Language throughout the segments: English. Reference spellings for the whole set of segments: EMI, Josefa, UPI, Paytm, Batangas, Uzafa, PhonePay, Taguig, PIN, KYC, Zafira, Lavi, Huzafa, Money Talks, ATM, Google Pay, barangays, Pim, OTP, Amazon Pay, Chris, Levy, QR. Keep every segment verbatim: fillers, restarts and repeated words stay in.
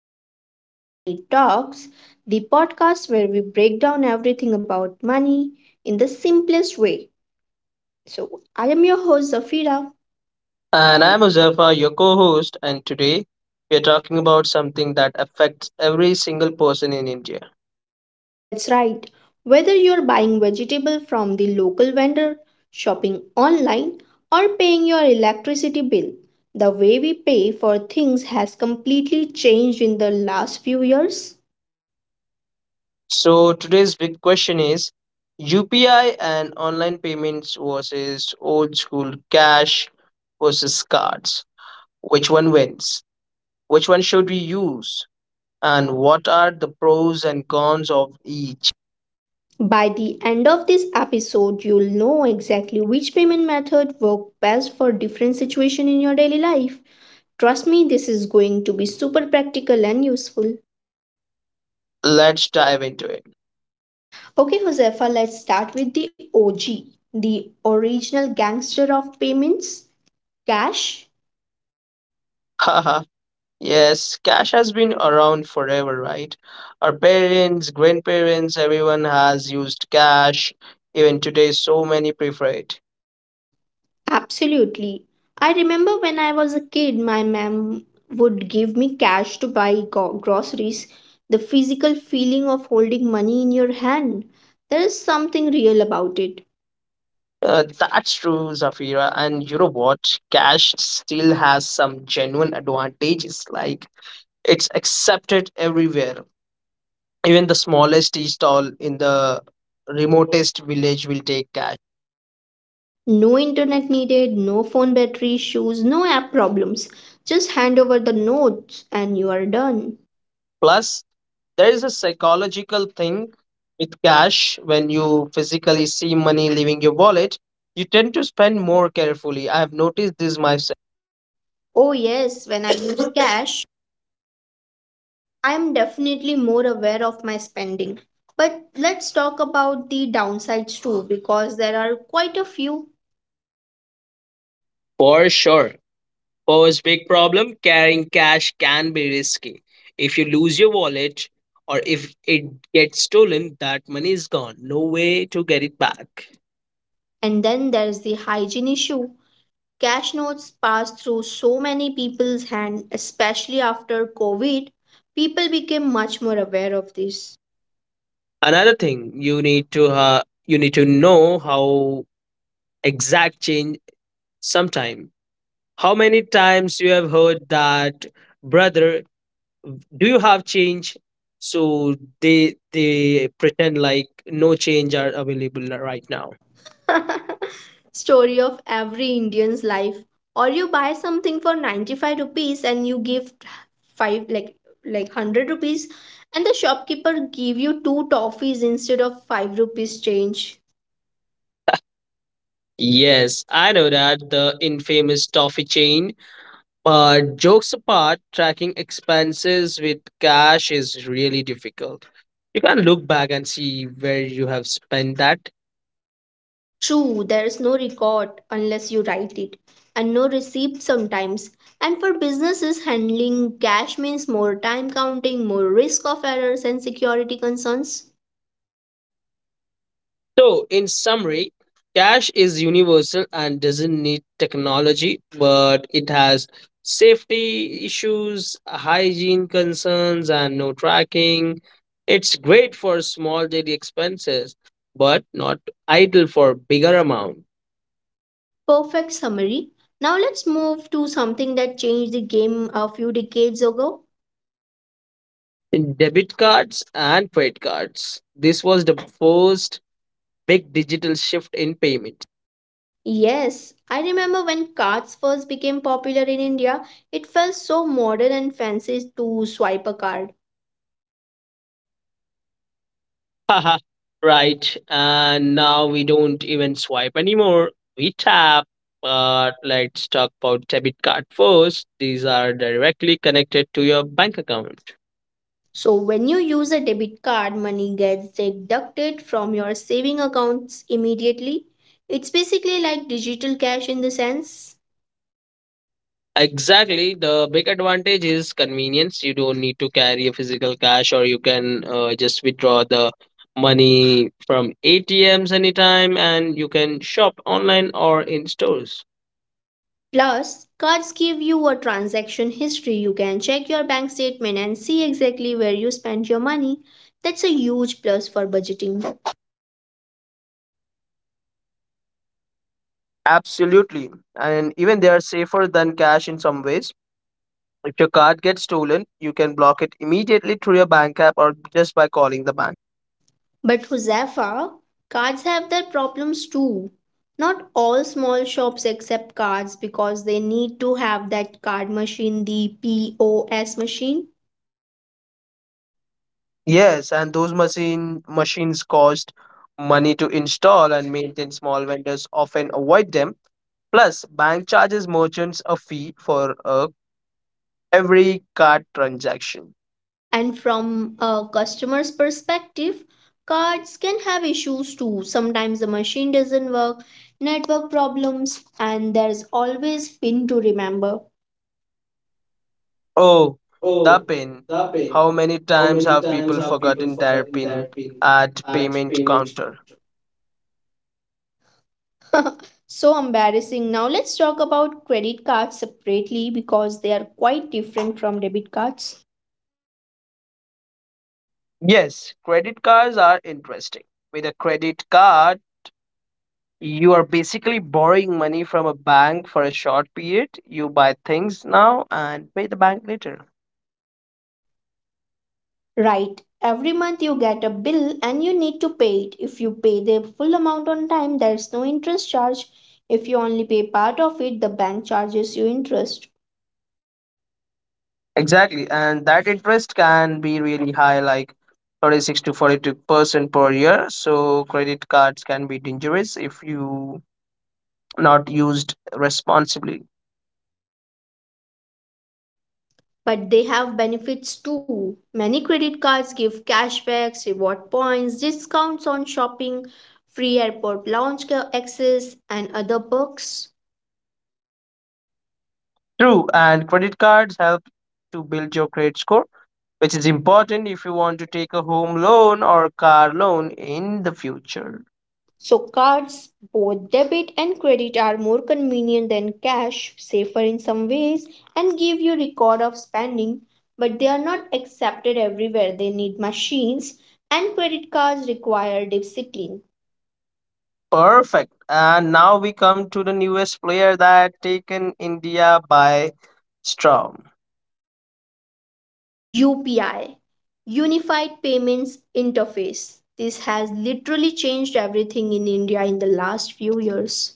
episode of Money Talks, the podcast where we break down everything about money in the simplest way. So, I am your host, Zafira. And I'm Uzafa, your co host, and today we are talking about something that affects every single person in India. That's right. Whether you're buying vegetable from the local vendor, shopping online, or paying your electricity bill, the way we pay for things has completely changed in the last few years. So, today's big question is U P I and online payments versus old school cash versus cards. Which one wins? Which one should we use? And what are the pros and cons of each? By the end of this episode, you'll know exactly which payment method works best for different situation in your daily life. Trust me, this is going to be super practical and useful. Let's dive into it. Okay, Josefa, let's start with the O G, the original gangster of payments, cash. Yes, cash has been around forever, right? Our parents, grandparents, everyone has used cash. Even today, so many prefer it. Absolutely. I remember when I was a kid, my mom would give me cash to buy go- groceries. The physical feeling of holding money in your hand, there is something real about it. Uh, that's true, Zafira. And you know what? Cash still has some genuine advantages. Like it's accepted everywhere. Even the smallest tea stall in the remotest village will take cash. No internet needed, no phone battery issues, no app problems. Just hand over the notes and you are done. Plus, there is a psychological thing with cash. When you physically see money leaving your wallet, you tend to spend more carefully. I have noticed this myself Oh, yes, when I use cash, I am definitely more aware of my spending. But let's talk about the downsides too, because there are quite a few. for sure. Pose big problem, carrying cash can be risky. If you lose your wallet or if it gets stolen, that money is gone. No way to get it back. And then there's the hygiene issue. Cash notes pass through so many people's hands, especially after COVID. People became much more aware of this. Another thing, you need to uh, you need to know how exact change sometime. How many times you have heard that, brother, do you have change? So they they pretend like no change are available right now. Story of every Indian's life. Or you buy something for ninety-five rupees and you give five, like like one hundred rupees, and the shopkeeper give you two toffees instead of five rupees change. Yes, I know that the infamous toffee chain. But jokes apart, tracking expenses with cash is really difficult. You can't look back and see where you have spent that. True, there is no record unless you write it, and no receipt sometimes. And for businesses, handling cash means more time counting, more risk of errors and security concerns. So, in summary, cash is universal and doesn't need technology, but it has safety issues, hygiene concerns, and no tracking. It's great for small daily expenses, but not ideal for bigger amount. Perfect summary. Now let's move to something that changed the game a few decades ago. In debit cards and credit cards, this was the first big digital shift in payment. Yes, I remember when cards first became popular in India, it felt so modern and fancy to swipe a card. Haha, right. And now we don't even swipe anymore. We tap. But let's talk about debit card first. These are directly connected to your bank account. So when you use a debit card, money gets deducted from your saving accounts immediately. It's basically like digital cash in the sense. Exactly. The big advantage is convenience. You don't need to carry a physical cash, or you can uh, just withdraw the money from A T Ms anytime, and you can shop online or in stores. Plus, cards give you a transaction history. You can check your bank statement and see exactly where you spent your money. That's a huge plus for budgeting. Absolutely. And even they are safer than cash in some ways. If your card gets stolen, you can block it immediately through your bank app or just by calling the bank. But Huzafa, cards have their problems too. Not all small shops accept cards because they need to have that card machine, the P O S machine. Yes, and those machine machines cost money to install and maintain. Small vendors often avoid them. Plus, bank charges merchants a fee for uh, every card transaction. And from a customer's perspective, cards can have issues too. Sometimes the machine doesn't work, network problems, and there's always PIN to remember. Oh, Oh, the the pin. PIN. How How many many times times have have people people forgotten forgotten their their pin PIN at at payment payment counter? counter? So embarrassing. Now let's talk about credit cards separately because they are quite different from debit cards. Yes, credit cards are interesting. With a credit card, you are basically borrowing money from a bank for a short period. You buy things now and pay the bank later. Right. Every month you get a bill and you need to pay it. If you pay the full amount on time, there's no interest charge. If you only pay part of it, the bank charges you interest. Exactly, and that interest can be really high, like thirty-six to forty-two percent per year. So credit cards can be dangerous if you not used responsibly. But they have benefits too. Many credit cards give cashbacks, reward points, discounts on shopping, free airport lounge access, and other perks. True, and credit cards help to build your credit score, which is important if you want to take a home loan or car loan in the future. So, cards, both debit and credit, are more convenient than cash, safer in some ways, and give you record of spending, but they are not accepted everywhere. They need machines, and credit cards require discipline. Perfect. And now we come to the newest player that taken India by storm. U P I, Unified Payments Interface. This has literally changed everything in India in the last few years.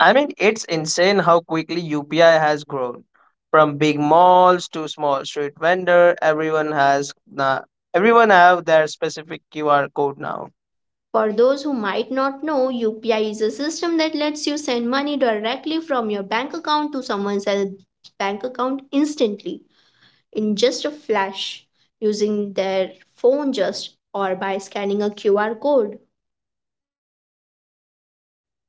I mean, it's insane how quickly U P I has grown. From big malls to small street vendor, everyone has na everyone have their specific Q R code now. For those who might not know, U P I is a system that lets you send money directly from your bank account to someone else's bank account instantly, in just a flash, using their phone just or by scanning a Q R code.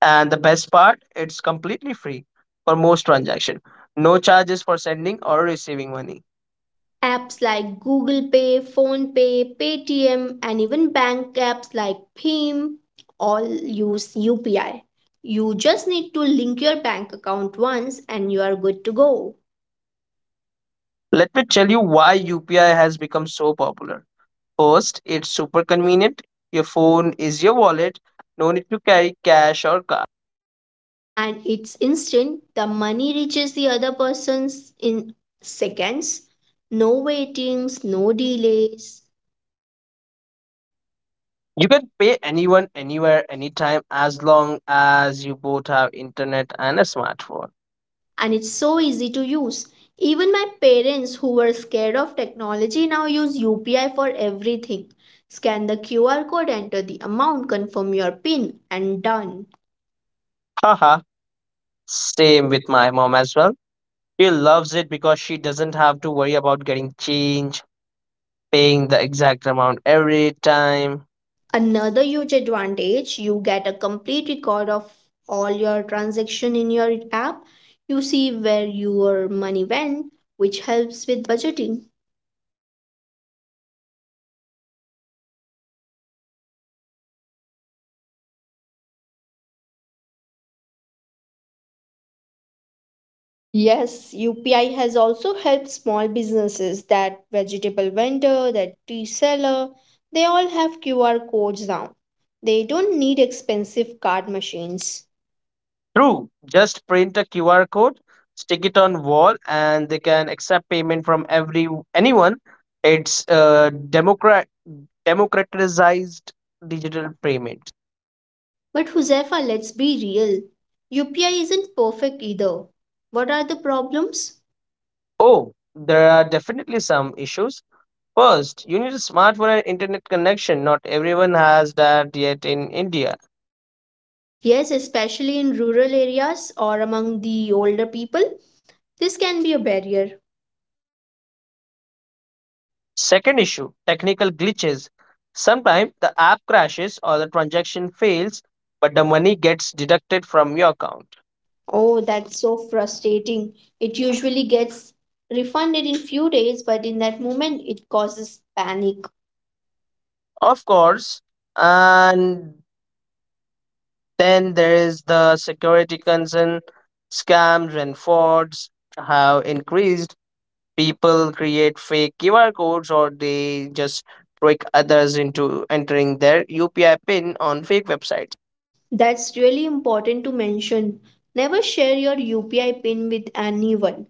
And the best part, it's completely free for most transactions. No charges for sending or receiving money. Apps like Google Pay, PhonePay, Paytm, and even bank apps like Pim all use U P I. You just need to link your bank account once and you are good to go. Let me tell you why U P I has become so popular. First, it's super convenient. Your phone is your wallet. No need to carry cash or card. And it's instant. The money reaches the other persons in seconds. No waitings, no delays, You can pay anyone, anywhere, anytime, as long as you both have internet and a smartphone. and it's so easy to use. Even my parents who were scared of technology now use U P I for everything. Scan the Q R code, enter the amount, confirm your PIN, and done. Haha, same with my mom as well. She loves it because she doesn't have to worry about getting change paying the exact amount every time Another huge advantage, you get a complete record of all your transaction in your app. You see where your money went, which helps with budgeting. Yes, U P I has also helped small businesses, that vegetable vendor, that tea seller, they all have Q R codes now. They don't need expensive card machines. through. Just print a Q R code, stick it on wall, and they can accept payment from every anyone. It's uh, democrat democratized digital payment. But Huzefa, let's be real. U P I isn't perfect either. What are the problems? Oh, there are definitely some issues. First, you need a smartphone and internet connection. Not everyone has that yet in India. Yes, especially in rural areas or among the older people, this can be a barrier. Second issue technical glitches. Sometimes the app crashes or the transaction fails, but the money gets deducted from your account. Oh, that's so frustrating. It usually gets refunded in few days, but in that moment it causes panic. Of course, and then there is the security concern. Scams and frauds have increased. People create fake Q R codes or they just trick others into entering their U P I pin on fake websites. That's really important to mention. Never share your U P I pin with anyone,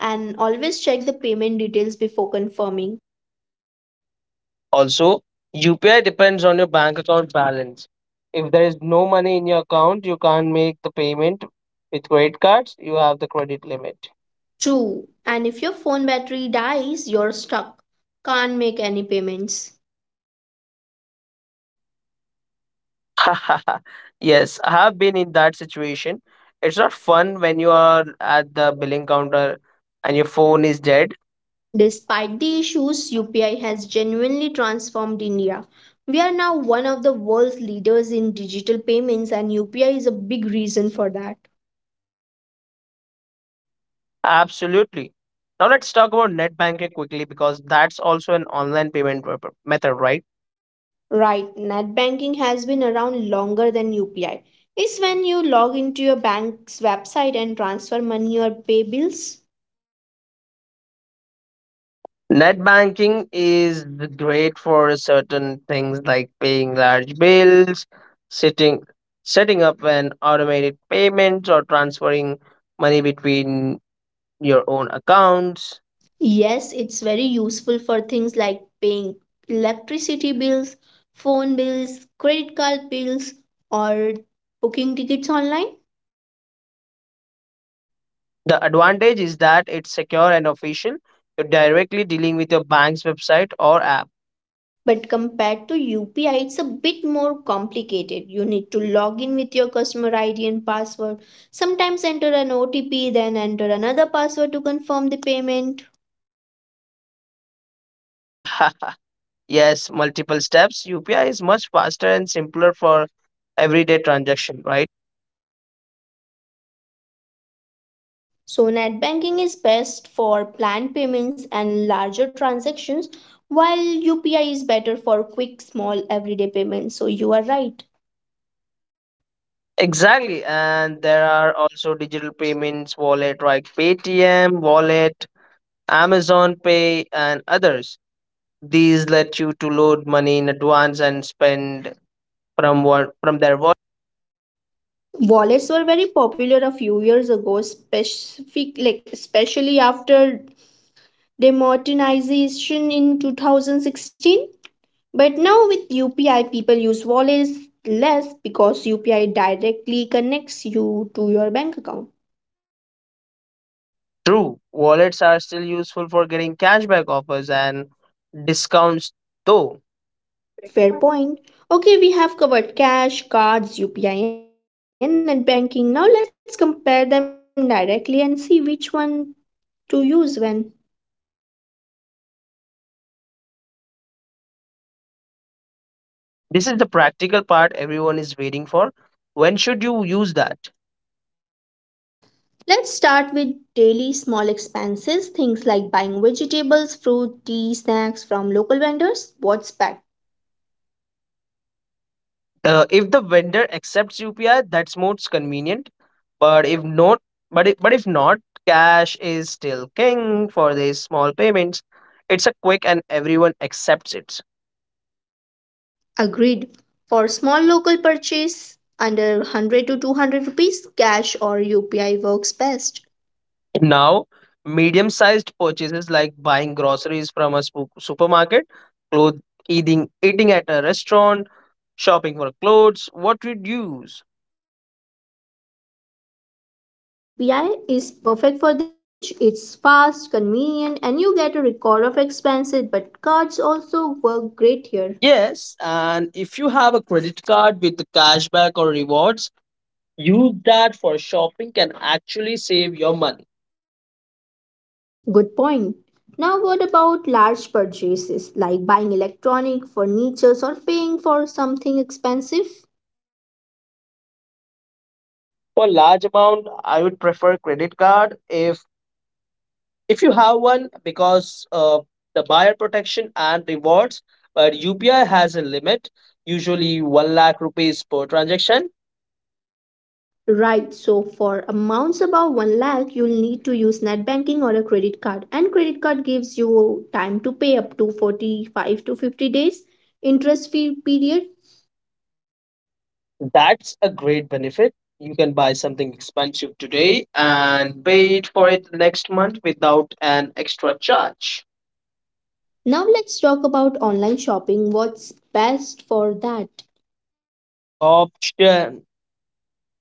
and always check the payment details before confirming. Also, U P I depends on your bank account balance. If there is no money in your account, you can't make the payment. With credit cards, you have the credit limit. True. And if your phone battery dies, you're stuck. Can't make any payments. Yes, I have been in that situation. It's not fun when you are at the billing counter and your phone is dead. Despite the issues, U P I has genuinely transformed India. We are now one of the world's leaders in digital payments, and U P I is a big reason for that. Absolutely. Now let's talk about net banking quickly because that's also an online payment pro- method, right? Right, net banking has been around longer than U P I. It's when you log into your bank's website and transfer money or pay bills. Net banking is great for certain things like paying large bills, sitting, setting up an automated payment, or transferring money between your own accounts. Yes, it's very useful for things like paying electricity bills, phone bills, credit card bills, or booking tickets online. The advantage is that it's secure and official. You're directly dealing with your bank's website or app. But compared to U P I, it's a bit more complicated. You need to log in with your customer I D and password, sometimes enter an O T P, then enter another password to confirm the payment. Yes, multiple steps. U P I is much faster and simpler for everyday transaction, right? So, net banking is best for planned payments and larger transactions, while U P I is better for quick, small, everyday payments. So, you are right. Exactly, and there are also digital payments wallet like Paytm wallet, Amazon Pay, and others. These let you to load money in advance and spend from what from their wallet. Wallets were very popular a few years ago, specific, like especially after demonetization in two thousand sixteen. But now with U P I, people use wallets less because U P I directly connects you to your bank account. True, wallets are still useful for getting cashback offers and discounts. Though Fair point. Okay, we have covered cash, cards, U P I, and net banking. Now let's compare them directly and see which one to use when. this is the practical part everyone is waiting for. When should you use that? Let's start with daily small expenses, things like buying vegetables, fruit, tea, snacks from local vendors. What's better? Uh, if the vendor accepts U P I, that's most convenient. But if not, but if, but if not, cash is still king for these small payments. It's a quick and everyone accepts it. Agreed. For small local purchase under one hundred to two hundred rupees, cash or U P I works best. Now, medium-sized purchases like buying groceries from a spo- supermarket, clothes, eating eating at a restaurant, shopping for clothes, what would you use? I'll say U P I is perfect for this range. It's fast, convenient, and you get a record of expenses, but cards also work great here. Yes, and if you have a credit card with the cashback or rewards, use that for shopping can actually save your money Good point. Now, what about large purchases like buying electronic, furniture, or paying for something expensive? for large amount. I would prefer credit card if if you have one because uh, the buyer protection and rewards, but upi has a limit, usually one lakh rupees per transaction. Right, so for amounts above one lakh, you'll need to use net banking or a credit card. And credit card gives you time to pay up to forty-five to fifty days interest free period. That's a great benefit. You can buy something expensive today and pay it for it next month without an extra charge. Now let's talk about online shopping. What's best for that? option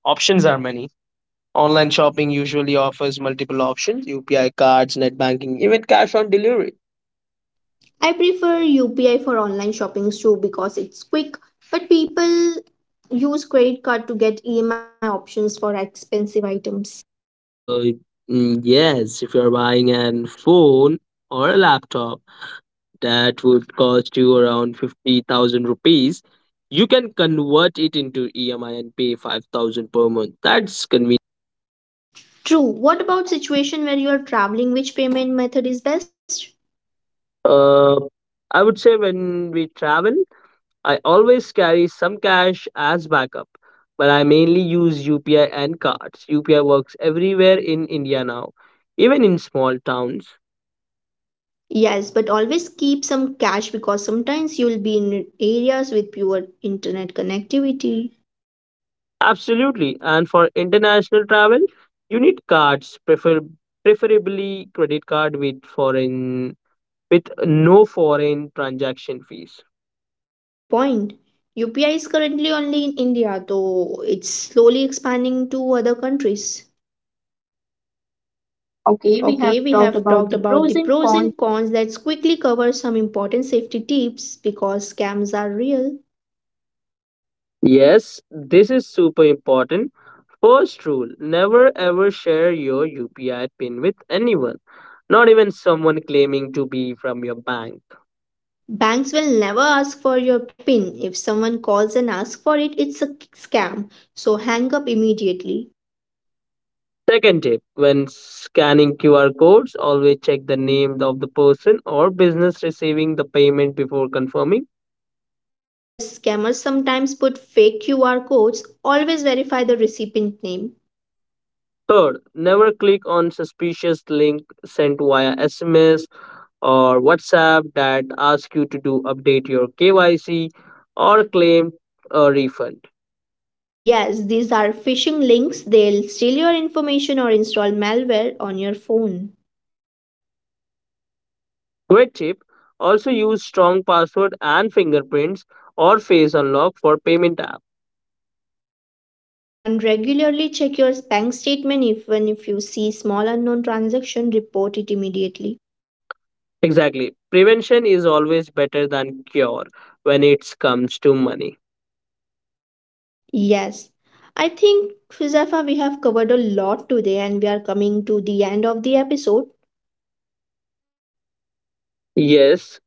Options are many. Online shopping usually offers multiple options U P I cards, net banking, even cash on delivery. I prefer U P I for online shopping too because it's quick, but people use credit card to get E M I options for expensive items. Uh, mm, yes, if you're buying an phone or a laptop that would cost you around fifty thousand rupees, you can convert it into E M I and pay five thousand per month. That's convenient. True. What about situation where you are traveling? Which payment method is best? Uh, I would say when we travel, I always carry some cash as backup, but I mainly use U P I and cards. U P I works everywhere in India now, even in small towns. Yes, but always keep some cash because sometimes you will be in areas with poor internet connectivity. Absolutely. And for international travel, you need cards, prefer- preferably credit card with foreign with no foreign transaction fees. Good point. U P I is currently only in India, though it's slowly expanding to other countries. Okay, we have Okay, we talked have about talked the about pros the and pros cons. and cons. Let's quickly cover some important safety tips because scams are real. Yes, this is super important. First rule never ever share your U P I PIN with anyone, not even someone claiming to be from your bank. Banks will never ask for your PIN. If someone calls and asks for it, it's a scam. So hang up immediately. Second tip when scanning Q R codes, always check the name of the person or business receiving the payment before confirming. Yes, scammers sometimes put fake Q R codes. Always verify the recipient name. Third, never click on suspicious link sent via S M S or WhatsApp that ask you to do update your K Y C or claim a refund. Yes, these are phishing links. They'll steal your information or install malware on your phone. QuickTip also use strong password and fingerprints or face unlock for payment app. And regularly check your bank statement. Even if you see small unknown transaction, report it immediately. Exactly. Prevention is always better than cure when it comes to money. Yes, I think, Huzafa, we have covered a lot today, and we are coming to the end of the episode. Yes,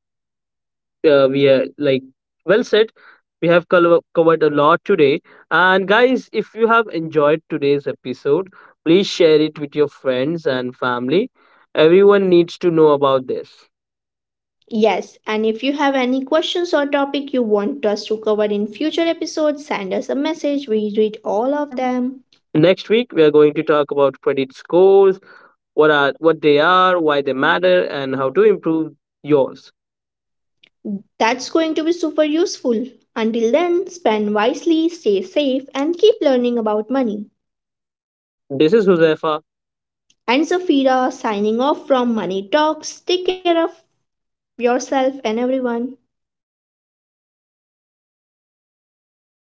uh, we are like well said. We have col- covered a lot today. And guys, if you have enjoyed today's episode, please share it with your friends and family. Everyone needs to know about this. Yes, and if you have any questions or topic you want us to cover in future episodes, send us a message. We read all of Them. them. Next week, we are going to talk about credit scores, what are what they are, why they matter, and how to improve yours. That's going to be super useful. Until then, spend wisely, stay safe, and keep learning about money. This is Josefa. And Zafira signing off from Money Talks. Take care of yourself and everyone.